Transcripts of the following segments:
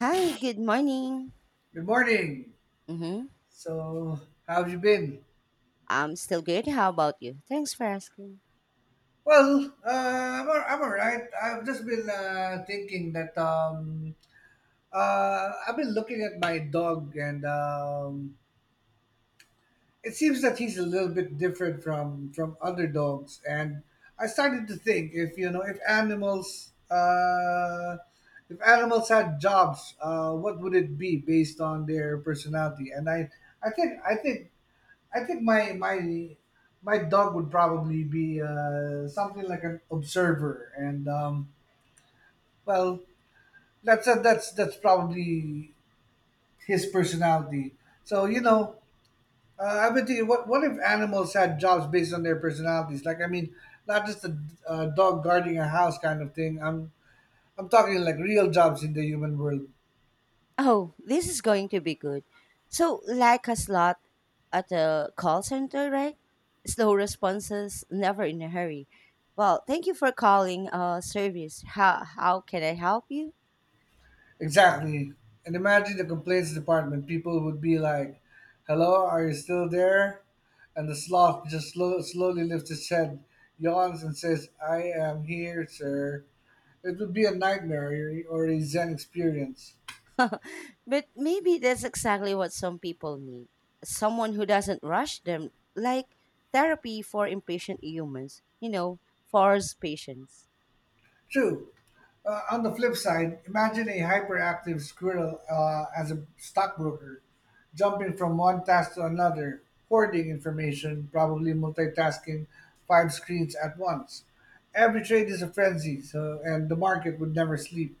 Hi, good morning. Good morning. Mm-hmm. So, how have you been? I'm still good. How about you? Thanks for asking. Well, I'm all right. I've just been thinking that I've been looking at my dog, and it seems that he's a little bit different from other dogs. And I started to think if you know if animals had jobs, what would it be based on their personality? And I think I think I think my my my dog would probably be something like an observer, and well, that's probably his personality. So I've been thinking, what if animals had jobs based on their personalities? Not just a, dog guarding a house kind of thing. I'm talking like real jobs in the human world. Oh, this is going to be good. So, like a slot at a call center, right? Slow responses, never in a hurry. Well, thank you for calling service. How can I help you? Exactly. And imagine the complaints department. People would be like, hello, are you still there? And the sloth just slowly lifts his head, yawns, and says, I am here, sir. It would be a nightmare or a Zen experience. But maybe that's exactly what some people need someone who doesn't rush them, like therapy for impatient humans, force patience. True. On the flip side, imagine a hyperactive squirrel as a stockbroker, jumping from one task to another, hoarding information, probably multitasking five screens at once. Every trade is a frenzy, so, and the market would never sleep.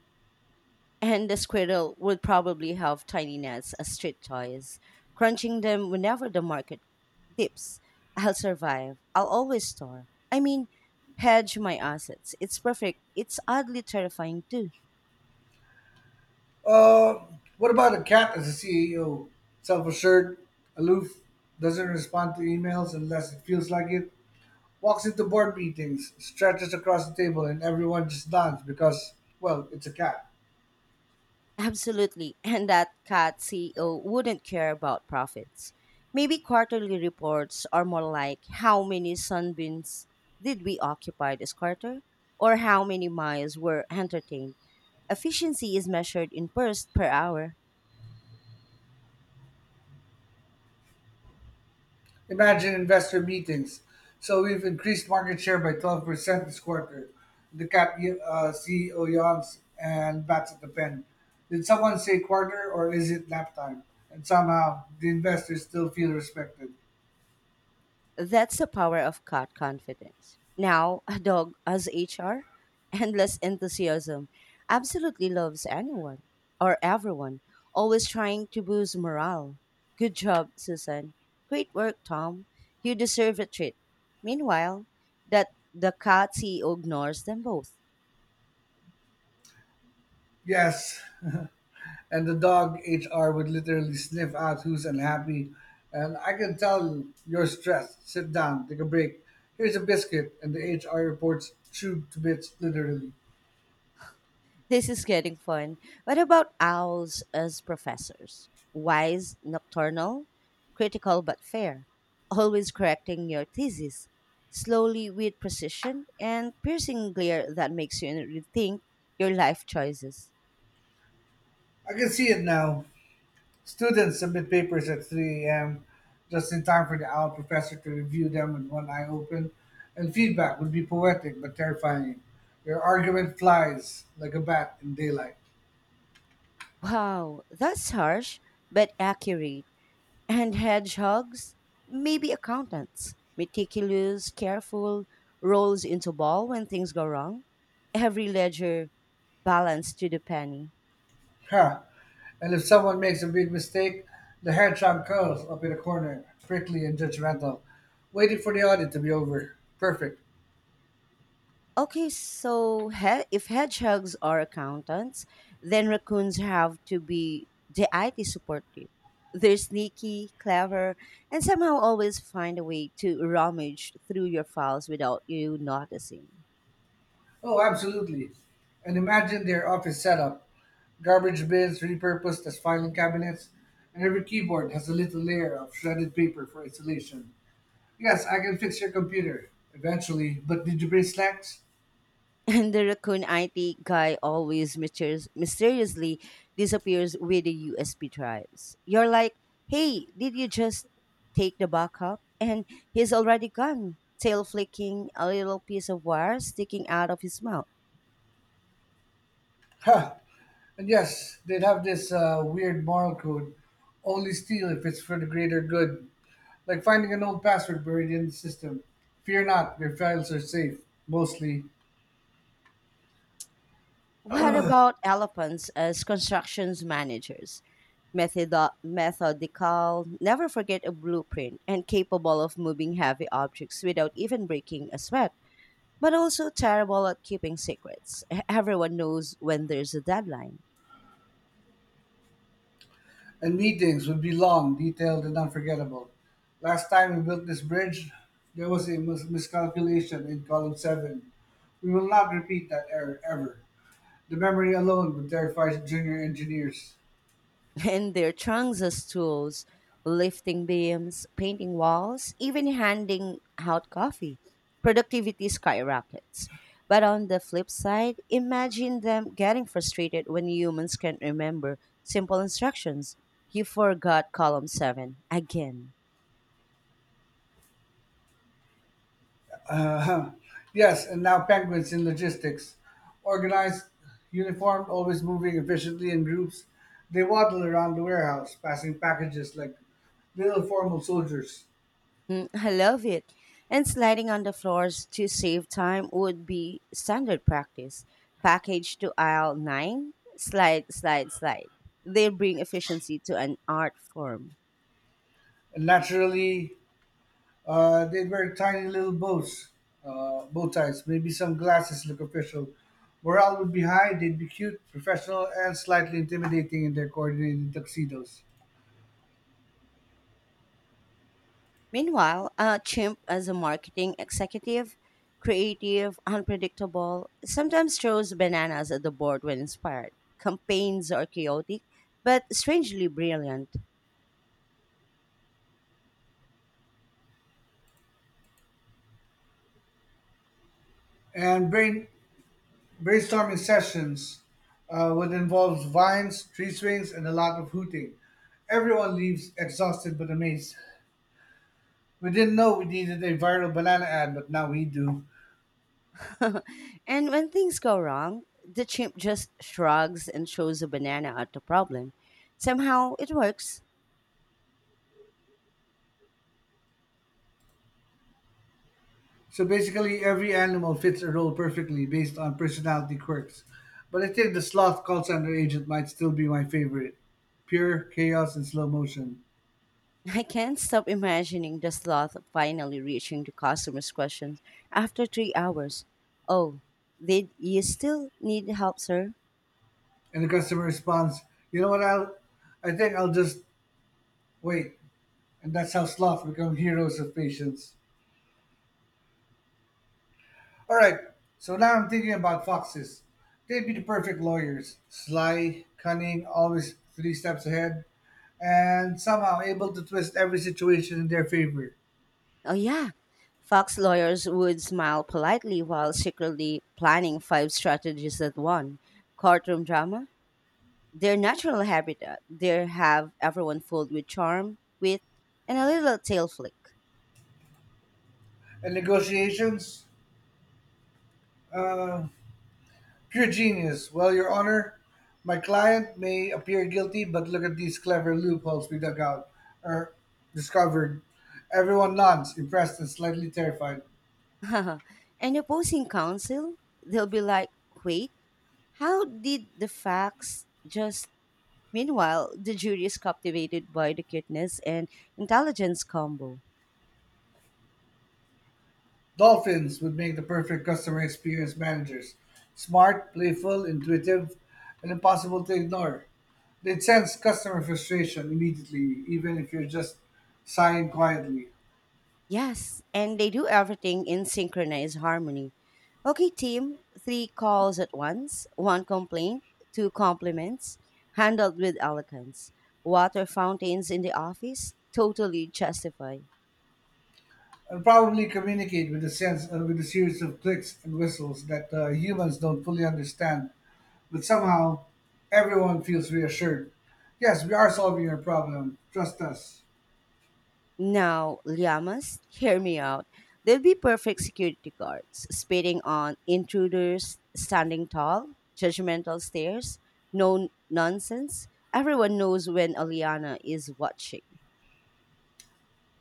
And the squirrel would probably have tiny nuts as street toys, crunching them whenever the market dips. I'll survive. I'll always store. I mean, hedge my assets. It's perfect. It's oddly terrifying too. Uh, what about a cat as a CEO? Self assured, aloof, doesn't respond to emails unless it feels like it, walks into board meetings, stretches across the table, and everyone just nods because, well, it's a cat. Absolutely. And that cat CEO wouldn't care about profits. Maybe quarterly reports are more like how many sunbeams did we occupy this quarter? Or how many miles were entertained? Efficiency is measured in bursts per hour. Imagine investor meetings. So we've increased market share by 12% this quarter. The cap CEO yawns and bats at the pen. Did someone say quarter or is it nap time? And somehow the investors still feel respected. That's the power of cat confidence. Now, a dog as HR, endless enthusiasm, absolutely loves anyone or everyone, always trying to boost morale. Good job, Susan. Great work, Tom. You deserve a treat. Meanwhile, that the cat CEO ignores them both. Yes. And the dog HR would literally sniff out who's unhappy. And I can tell you're stressed. Sit down, take a break. Here's a biscuit. And the HR reports chewed to bits, literally. This is getting fun. What about owls as professors? Wise, nocturnal, critical but fair, always correcting your thesis, slowly with precision, and piercing glare that makes you rethink your life choices. I can see it now. Students submit papers at 3 a.m. just in time for the owl professor to review them with one eye open, and feedback would be poetic but terrifying. Your argument flies like a bat in daylight. Wow, that's harsh, but accurate. And hedgehogs? Maybe accountants. Meticulous, careful, rolls into ball when things go wrong. Every ledger balanced to the penny. Huh. And if someone makes a big mistake, the hair trunk curls up in a corner, prickly and judgmental, waiting for the audit to be over. Perfect. Okay, so if hedgehogs are accountants, then raccoons have to be the IT support team. They're sneaky, clever, and somehow always find a way to rummage through your files without you noticing. Oh, absolutely. And imagine their office setup. Garbage bins repurposed as filing cabinets, and every keyboard has a little layer of shredded paper for insulation. Yes, I can fix your computer eventually, but did you bring snacks? And the raccoon IT guy always mysteriously disappears with the USB drives. You're like, hey, did you just take the backup? And he's already gone, tail flicking, a little piece of wire sticking out of his mouth. Huh. And yes, they'd have this weird moral code only steal if it's for the greater good. Like finding an old password buried in the system. Fear not, your files are safe, mostly. What about elephants as constructions managers? Methodical, never forget a blueprint, and capable of moving heavy objects without even breaking a sweat. But also terrible at keeping secrets. Everyone knows when there's a deadline. And meetings would be long, detailed, and unforgettable. Last time we built this bridge, there was a miscalculation in column 7. We will not repeat that error ever. The memory alone would terrify junior engineers. And their trunks as tools, lifting beams, painting walls, even handing out coffee. Productivity skyrockets. But on the flip side, imagine them getting frustrated when humans can't remember simple instructions. You forgot column 7 again. Uh, yes, and now penguins in logistics. Organized, uniformed, always moving efficiently in groups, they waddle around the warehouse, passing packages like little formal soldiers. Mm, I love it. And sliding on the floors to save time would be standard practice. Package to aisle 9, slide, slide, slide. They bring efficiency to an art form. And naturally, they wear tiny little bows, bow ties, maybe some glasses look official. Morale would be high, they'd be cute, professional, and slightly intimidating in their coordinated tuxedos. Meanwhile, a chimp as a marketing executive, creative, unpredictable, sometimes throws bananas at the board when inspired. Campaigns are chaotic, but strangely brilliant. And brainstorming sessions would involve vines, tree swings, and a lot of hooting. Everyone leaves exhausted but amazed. We didn't know we needed a viral banana ad, but now we do. And when things go wrong, the chimp just shrugs and throws a banana at the problem. Somehow it works. So basically, every animal fits a role perfectly based on personality quirks. But I think the sloth call center agent might still be my favorite. Pure chaos and slow motion. I can't stop imagining the sloth finally reaching the customer's questions after 3 hours. Oh, did you still need help, sir? And the customer responds, "You know what? I think I'll just wait." And that's how sloth become heroes of patience. All right. So now I'm thinking about foxes. They'd be the perfect lawyers. Sly, cunning, always three steps ahead, and somehow able to twist every situation in their favor. Oh, yeah. Fox lawyers would smile politely while secretly planning five strategies at one. Courtroom drama? Their natural habitat, they have everyone filled with charm, wit, and a little tail flick. And negotiations, Uh, pure genius. Well, Your Honor, my client may appear guilty, but look at these clever loopholes we dug out or discovered. Everyone nods, impressed and slightly terrified. And opposing counsel, they'll be like, wait, how did the facts just. Meanwhile, the jury is captivated by the cuteness and intelligence combo. Dolphins would make the perfect customer experience managers. Smart, playful, intuitive, and impossible to ignore. They'd sense customer frustration immediately, even if you're just sighing quietly. Yes, and they do everything in synchronized harmony. Okay, team, three calls at once, one complaint, two compliments, handled with elegance. Water fountains in the office, totally justified. And probably communicate with a series of clicks and whistles that humans don't fully understand, but somehow everyone feels reassured. Yes, we are solving your problem. Trust us. Now, llamas, hear me out. They'll be perfect security guards, spitting on intruders, standing tall, judgmental stares, no nonsense. Everyone knows when Aliana is watching.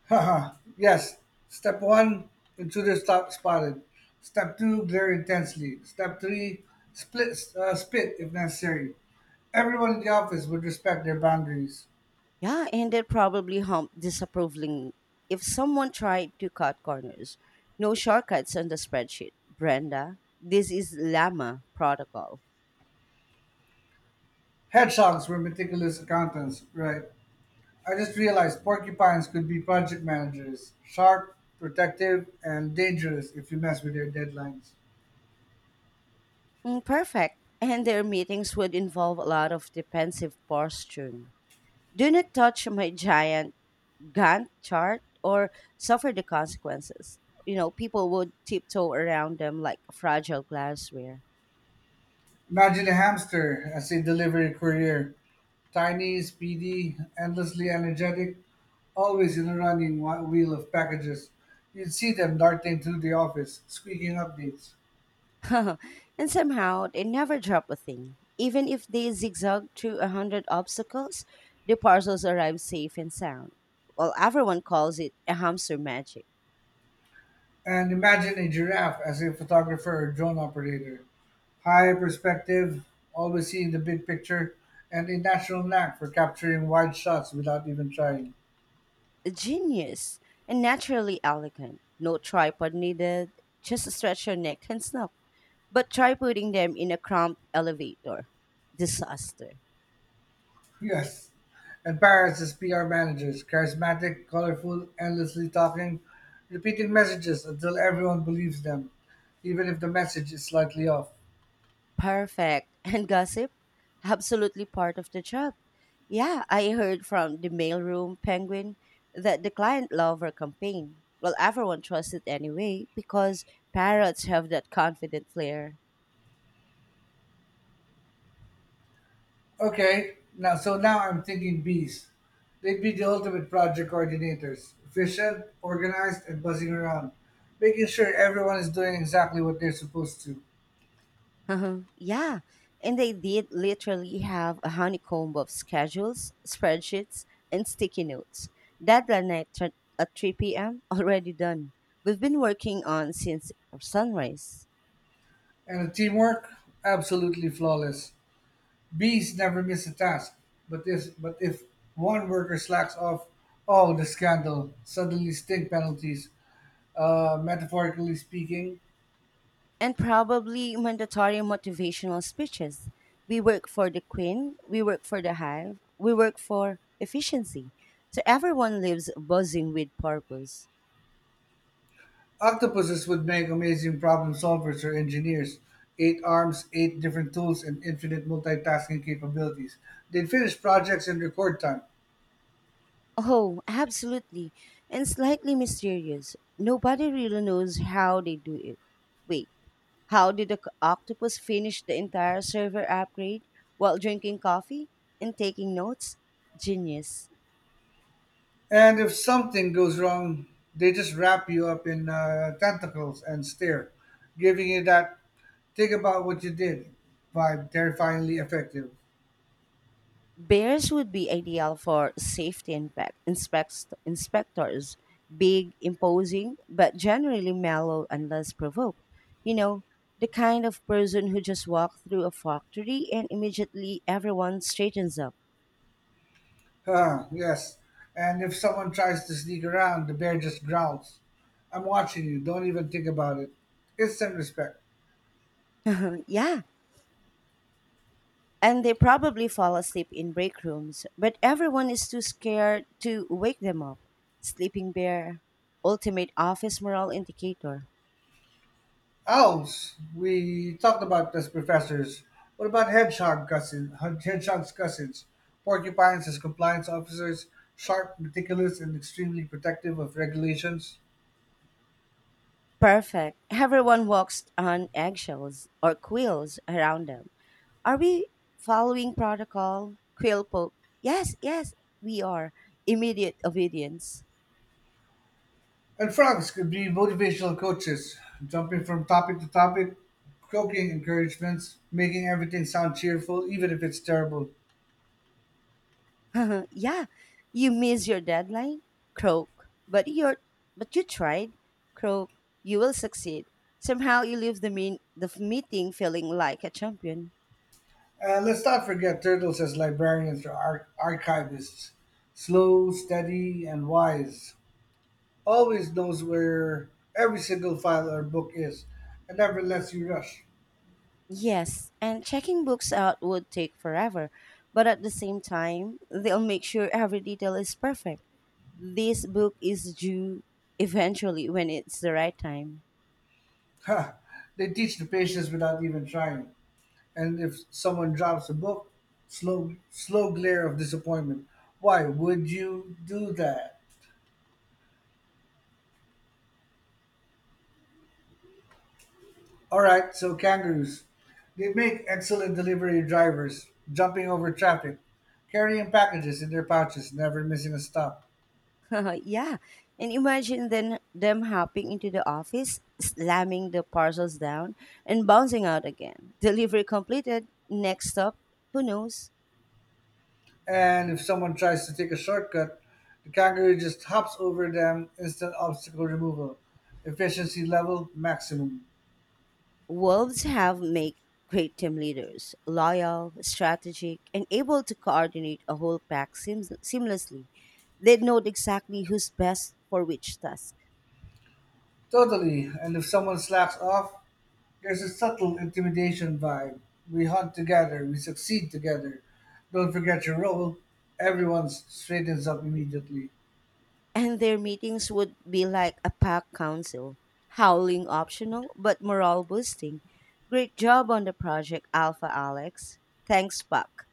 Haha. Yes. Step one: intruder stop spotted. Step two: glare intensely. Step three: split spit if necessary. Everyone in the office would respect their boundaries. Yeah, and that probably humped disapprovingly if someone tried to cut corners. No shortcuts on the spreadsheet, Brenda. This is Llama protocol. Hedgehogs were meticulous accountants, right? I just realized porcupines could be project managers, sharp, protective, and dangerous if you mess with their deadlines. Mm, perfect. And their meetings would involve a lot of defensive posturing. Do not touch my giant Gantt chart or suffer the consequences. People would tiptoe around them like fragile glassware. Imagine a hamster as a delivery courier tiny, speedy, endlessly energetic, always in a running wheel of packages. You'd see them darting through the office, squeaking updates. And somehow they never drop a thing. Even if they zigzag through a hundred obstacles, the parcels arrive safe and sound. Well, everyone calls it a hamster magic. And imagine a giraffe as a photographer or drone operator. High perspective, always seeing the big picture, and a natural knack for capturing wide shots without even trying. Genius and naturally elegant. No tripod needed, just stretch your neck and snap. But try putting them in a cramped elevator. Disaster. Yes. And Paris is PR managers, charismatic, colorful, endlessly talking, repeating messages until everyone believes them, even if the message is slightly off. Perfect. And gossip? Absolutely part of the job. Yeah, I heard from the mailroom penguin that the client lover campaign. Well, everyone trusts it anyway because parrots have that confident flair. Okay, now so now I'm thinking bees. They'd be the ultimate project coordinators, efficient, organized, and buzzing around, making sure everyone is doing exactly what they're supposed to. Uh-huh. Yeah, and they did literally have a honeycomb of schedules, spreadsheets, and sticky notes. Deadline night at 3 p.m. Already done. We've been working on since sunrise. And the teamwork, absolutely flawless. Bees never miss a task, but if one worker slacks off, oh the scandal! Suddenly stink penalties. Metaphorically speaking, And probably mandatory motivational speeches. We work for the queen, we work for the hive, we work for efficiency. So everyone lives buzzing with purpose. octopuses would make amazing problem solvers or engineers. Eight arms, eight different tools, and infinite multitasking capabilities. They'd finish projects in record time. Oh, absolutely. And slightly mysterious. Nobody really knows how they do it. Wait, how did the octopus finish the entire server upgrade while drinking coffee and taking notes? Genius. And if something goes wrong, they just wrap you up in tentacles and stare, giving you that think about what you did vibe, terrifyingly effective. Bears would be ideal for safety inspectors, big, imposing, but generally mellow unless provoked. You know, the kind of person who just walks through a factory and immediately everyone straightens up. Huh, yes. And if someone tries to sneak around, the bear just growls. I'm watching you. Don't even think about it. Instant respect. Yeah. And they probably fall asleep in break rooms, but everyone is too scared to wake them up. Sleeping bear, ultimate office morale indicator. Owls. We talked about as professors. What about hedgehog cousins? Hedgehog's cousins, porcupines as compliance officers, sharp, meticulous, and extremely protective of regulations. Perfect. Everyone walks on eggshells or quills around them. Are we following protocol? Quill Pope. Yes, yes, we are. Immediate obedience. And frogs could be motivational coaches, jumping from topic to topic, croaking encouragements, making everything sound cheerful, even if it's terrible. Yeah, you miss your deadline? Croak. But you tried? Croak. You will succeed. Somehow you leave the meeting feeling like a champion. And let's not forget turtles as librarians or archivists, slow, steady, and wise. Always knows where every single file or book is and never lets you rush. Yes, and checking books out would take forever, but at the same time, they'll make sure every detail is perfect. This book is due eventually when it's the right time. Ha! They teach the patience without even trying. And if someone drops a book, slow glare of disappointment. Why would you do that? All right, so kangaroos. They make excellent delivery drivers, jumping over traffic, carrying packages in their pouches, never missing a stop. Yeah. And imagine then them hopping into the office, slamming the parcels down, and bouncing out again. Delivery completed. Next stop, who knows? And if someone tries to take a shortcut, the kangaroo just hops over them. Instant obstacle removal. Efficiency level maximum. Wolves have make great team leaders, loyal, strategic, and able to coordinate a whole pack seamlessly. They know exactly who's best for which task. Totally. And if someone slacks off, there's a subtle intimidation vibe. We hunt together, we succeed together. Don't forget your role. Everyone straightens up immediately. And their meetings would be like a packed council, howling optional but morale boosting. Great job on the project, Alpha Alex. Thanks, Buck.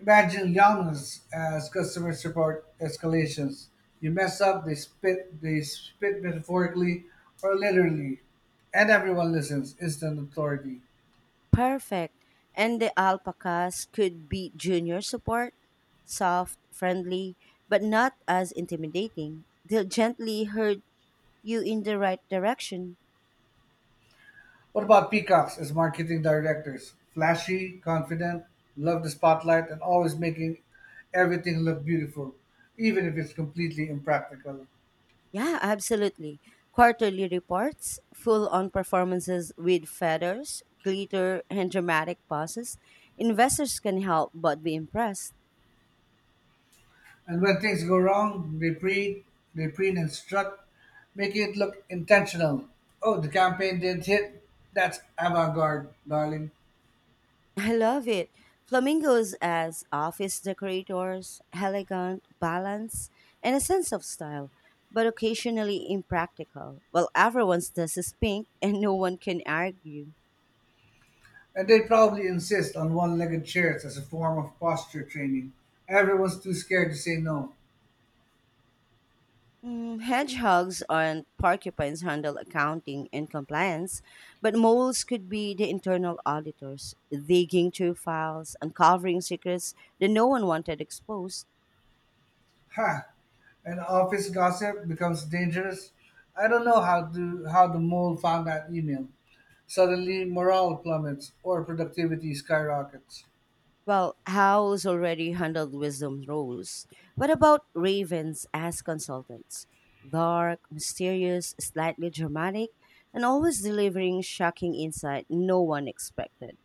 Imagine Yalman's as customer support escalations. You mess up, they spit metaphorically or literally, and everyone listens. Instant authority. Perfect. And the alpacas could be junior support, soft, friendly, but not as intimidating. They'll gently herd you in the right direction. What about peacocks as marketing directors? Flashy, confident, love the spotlight, and always making everything look beautiful, even if it's completely impractical. Yeah, absolutely. Quarterly reports, full on performances with feathers, glitter, and dramatic pauses. Investors can help but be impressed. And when things go wrong, reprint, instruct, make it look intentional. Oh, the campaign did not hit. That's avant garde, darling. I love it. Flamingos as office decorators, elegant, balanced, and a sense of style, but occasionally impractical. Well, everyone's dress is pink and no one can argue. And they probably insist on one legged chairs as a form of posture training. Everyone's too scared to say no. Mm, hedgehogs and porcupines handle accounting and compliance, but moles could be the internal auditors, digging through files, uncovering secrets that no one wanted exposed. Ha! And office gossip becomes dangerous. I don't know how the mole found that email. Suddenly morale plummets or productivity skyrockets. Well, how's already handled wisdom roles. What about ravens as consultants? Dark, mysterious, slightly dramatic, and always delivering shocking insight no one expected.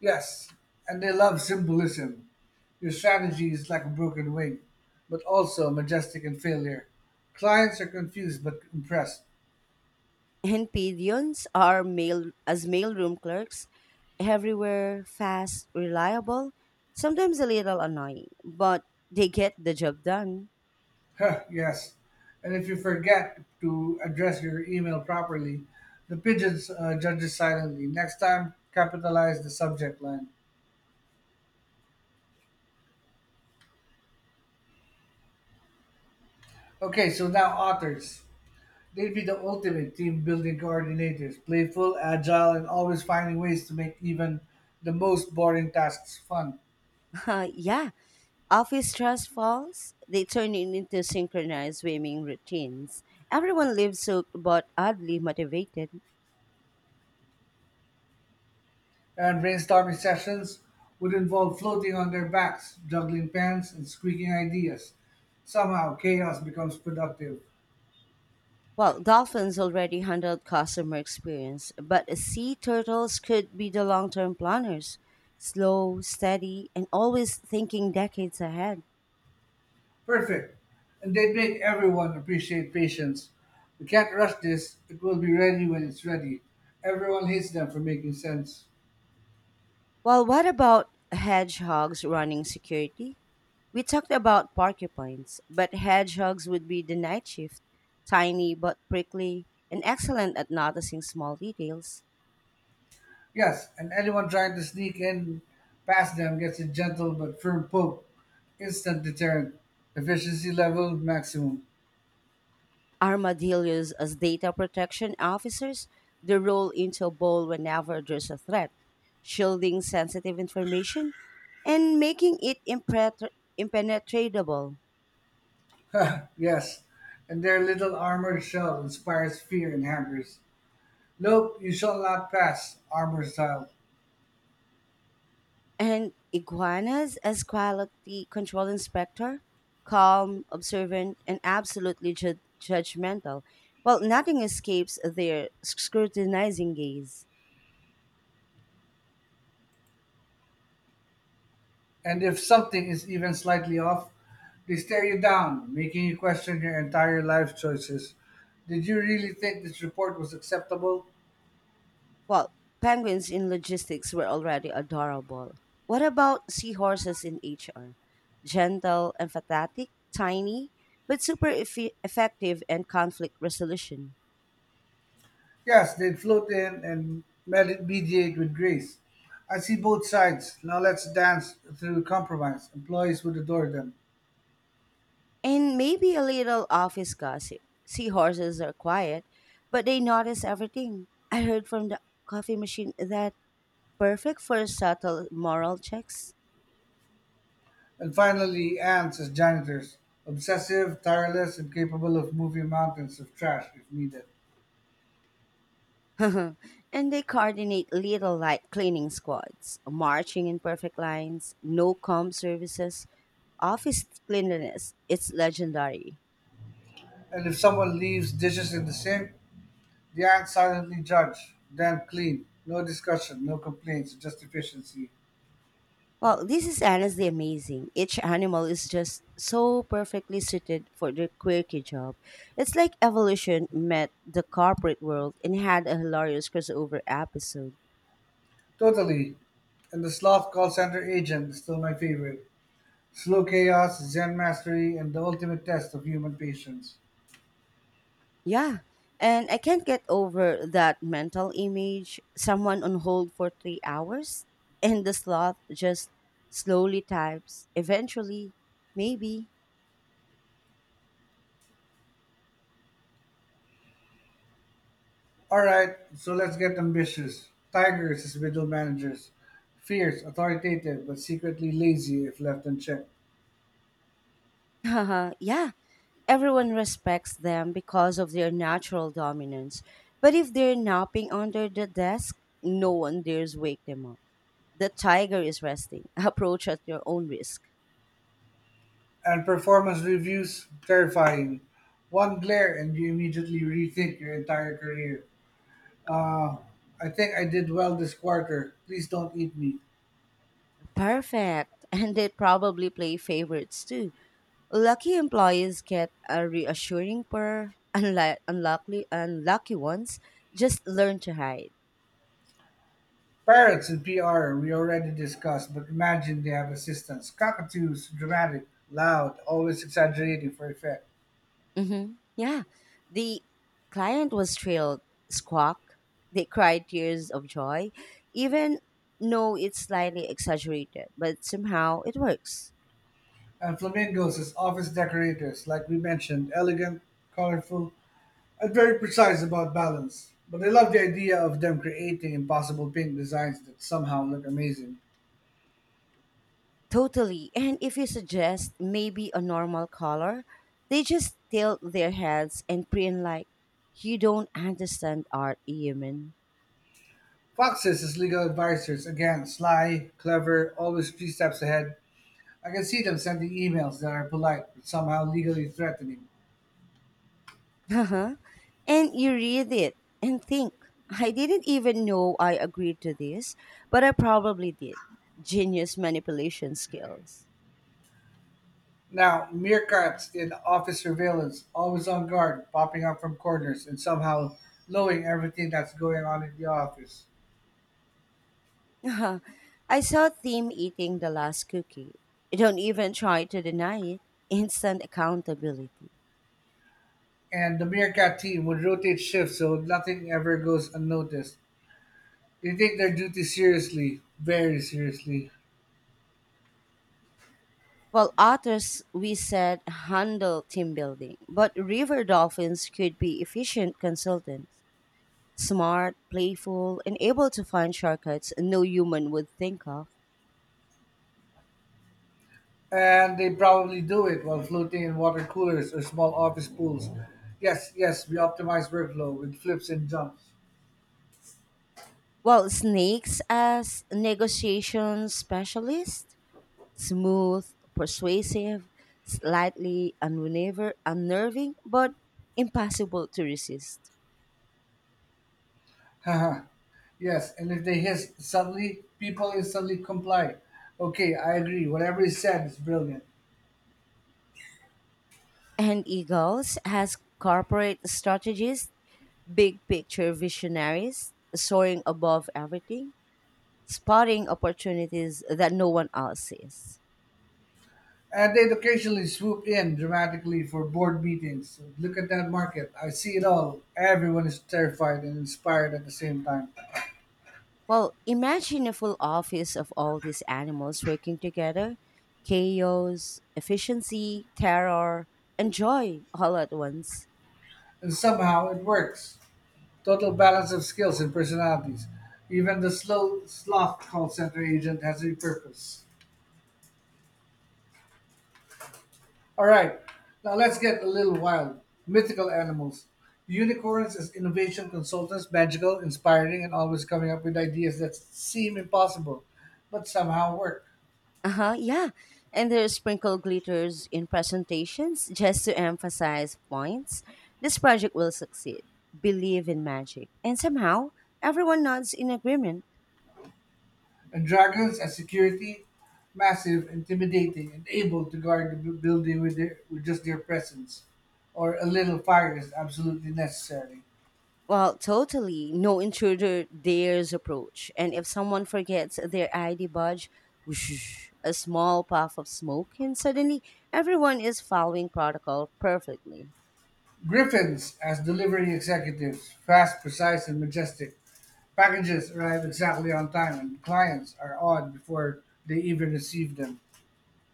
Yes, and they love symbolism. Your strategy is like a broken wing, but also majestic in failure. Clients are confused but impressed. And pigeons are mail as mailroom clerks everywhere, fast, reliable, sometimes a little annoying, but they get the job done. Huh, yes. And if you forget to address your email properly, the pigeons judges silently. Next time, capitalize the subject line. Okay, so now authors. They'd be the ultimate team building coordinators, playful, agile, and always finding ways to make even the most boring tasks fun. Yeah, office stress falls, they turn it into synchronized swimming routines. Everyone lives soaked but oddly motivated. And brainstorming sessions would involve floating on their backs, juggling pens, and squeaking ideas. Somehow, chaos becomes productive. Well, dolphins already handled customer experience, but sea turtles could be the long term planners. Slow, steady, and always thinking decades ahead. Perfect. And they make everyone appreciate patience. We can't rush this, it will be ready when it's ready. Everyone hates them for making sense. Well, what about hedgehogs running security? We talked about porcupines, but hedgehogs would be the night shift, tiny but prickly and excellent at noticing small details. Yes, and anyone trying to sneak in past them gets a gentle but firm poke. Instant deterrent. Efficiency level maximum. Armadillos, as data protection officers, they roll into a ball whenever there's a threat, shielding sensitive information and making it impenetrable. Yes, and their little armored shell inspires fear in hackers. Nope, you shall not pass, armor style. And iguanas as quality control inspector, calm, observant, and absolutely judgmental. Well, nothing escapes their scrutinizing gaze. And if something is even slightly off, they stare you down, making you question your entire life choices. Did you really think this report was acceptable? Well, penguins in logistics were already adorable. What about seahorses in HR? Gentle, empathetic, tiny, but super effective and conflict resolution. Yes, they'd float in and mediate with grace. I see both sides. Now let's dance through compromise. Employees would adore them. And maybe a little office gossip. Seahorses are quiet, but they notice everything. I heard from the coffee machine that perfect for subtle moral checks. And finally, ants as janitors. Obsessive, tireless, and capable of moving mountains of trash if needed. And they coordinate little light cleaning squads, marching in perfect lines, no comb services, office cleanliness. It's legendary. And if someone leaves dishes in the sink, the ants silently judge, then clean. No discussion, no complaints, just efficiency. Well, this is honestly amazing. Each animal is just so perfectly suited for their quirky job. It's like evolution met the corporate world and had a hilarious crossover episode. Totally. And the sloth call center agent is still my favorite. Slow chaos, zen mastery, and the ultimate test of human patience. Yeah, and I can't get over that mental image someone on hold for 3 hours and the sloth just slowly types, eventually, maybe. All right, so let's get ambitious. Tigers as middle managers, fierce, authoritative, but secretly lazy if left unchecked. Haha, yeah. Everyone respects them because of their natural dominance. But if they're napping under the desk, no one dares wake them up. The tiger is resting. Approach at your own risk. And performance reviews, terrifying. One glare and you immediately rethink your entire career. Uh, I think I did well this quarter. Please don't eat me. Perfect. And they probably play favorites too. Lucky employees get a reassuring purr. Unlucky ones just learn to hide. Parrots in PR, we already discussed, but imagine they have assistants. Cockatoos, dramatic, loud, always exaggerating for effect. Mm-hmm. Yeah. The client was thrilled, squawk. They cried tears of joy. Even though it's slightly exaggerated, but somehow it works. And flamingos as office decorators, like we mentioned, elegant, colorful, and very precise about balance. But I love the idea of them creating impossible pink designs that somehow look amazing. Totally. And if you suggest maybe a normal color, they just tilt their heads and preen like, you don't understand art, human. Foxes as legal advisors, again, sly, clever, always three steps ahead. I can see them sending emails that are polite but somehow legally threatening. Uh-huh. And you read it and think, I didn't even know I agreed to this, but I probably did. Genius manipulation skills. Now, meerkats in office surveillance, always on guard, popping up from corners and somehow knowing everything that's going on in the office. Uh-huh. I saw Tim eating the last cookie. Don't even try to deny it. Instant accountability. And the Meerkat team would rotate shifts so nothing ever goes unnoticed. They take their duty seriously, very seriously. Well, otters, we said, handle team building, but river dolphins could be efficient consultants, smart, playful, and able to find shortcuts no human would think of. And they probably do it while floating in water coolers or small office pools. Yes, yes, we optimize workflow with flips and jumps. Well, snakes as negotiation specialist, smooth, persuasive, slightly unnerving, but impossible to resist. Haha. Yes, and if they hiss suddenly, people instantly comply. Okay, I agree. Whatever is said is brilliant. And eagles as corporate strategists, big picture visionaries, soaring above everything, spotting opportunities that no one else sees. And they'd occasionally swoop in dramatically for board meetings. Look at that market. I see it all. Everyone is terrified and inspired at the same time. Well, imagine a full office of all these animals working together chaos, efficiency, terror, and joy all at once. And somehow it works. Total balance of skills and personalities. Even the slow sloth call center agent has a purpose. All right, now let's get a little wild. Mythical animals. Unicorns as innovation consultants, magical, inspiring, and always coming up with ideas that seem impossible, but somehow work. Uh huh, yeah. And there's sprinkle glitters in presentations just to emphasize points. This project will succeed. Believe in magic. And somehow, everyone nods in agreement. And Dragons as security, massive, intimidating, and able to guard the building with just their presence, or a little fire is absolutely necessary. Well, totally. No intruder dares approach. And if someone forgets their ID badge, whoosh, a small puff of smoke, and suddenly everyone is following protocol perfectly. Griffins as delivery executives, fast, precise, and majestic. Packages arrive exactly on time, and clients are awed before they even receive them.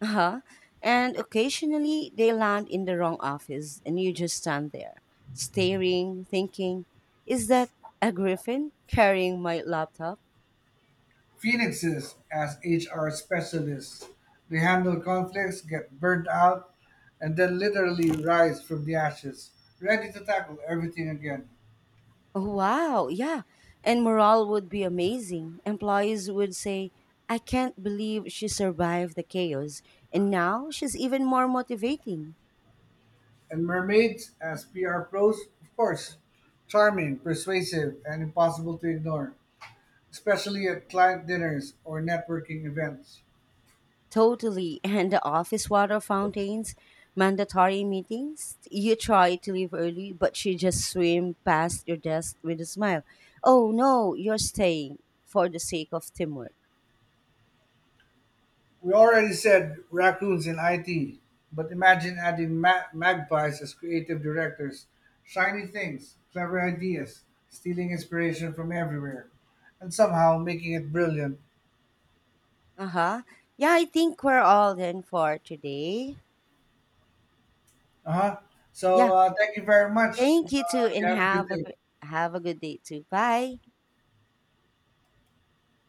Uh-huh. And occasionally they land in the wrong office, and you just stand there, staring, thinking, is that a griffin carrying my laptop? Phoenixes as HR specialists, they handle conflicts, get burnt out, and then literally rise from the ashes, ready to tackle everything again. Oh, wow, yeah. And morale would be amazing. Employees would say, I can't believe she survived the chaos. And now she's even more motivating. And mermaids, as PR pros, of course. Charming, persuasive, and impossible to ignore, especially at client dinners or networking events. Totally. And the office water fountains, mandatory meetings. You try to leave early, but she just swim past your desk with a smile. Oh, no, you're staying for the sake of teamwork. We already said raccoons in IT, but imagine adding magpies as creative directors. Shiny things, clever ideas, stealing inspiration from everywhere, and somehow making it brilliant. Uh huh. Yeah, I think we're all done for today. Uh huh. So Yeah. Thank you very much. Thank you too, You and have a good day. have a good day too. Bye.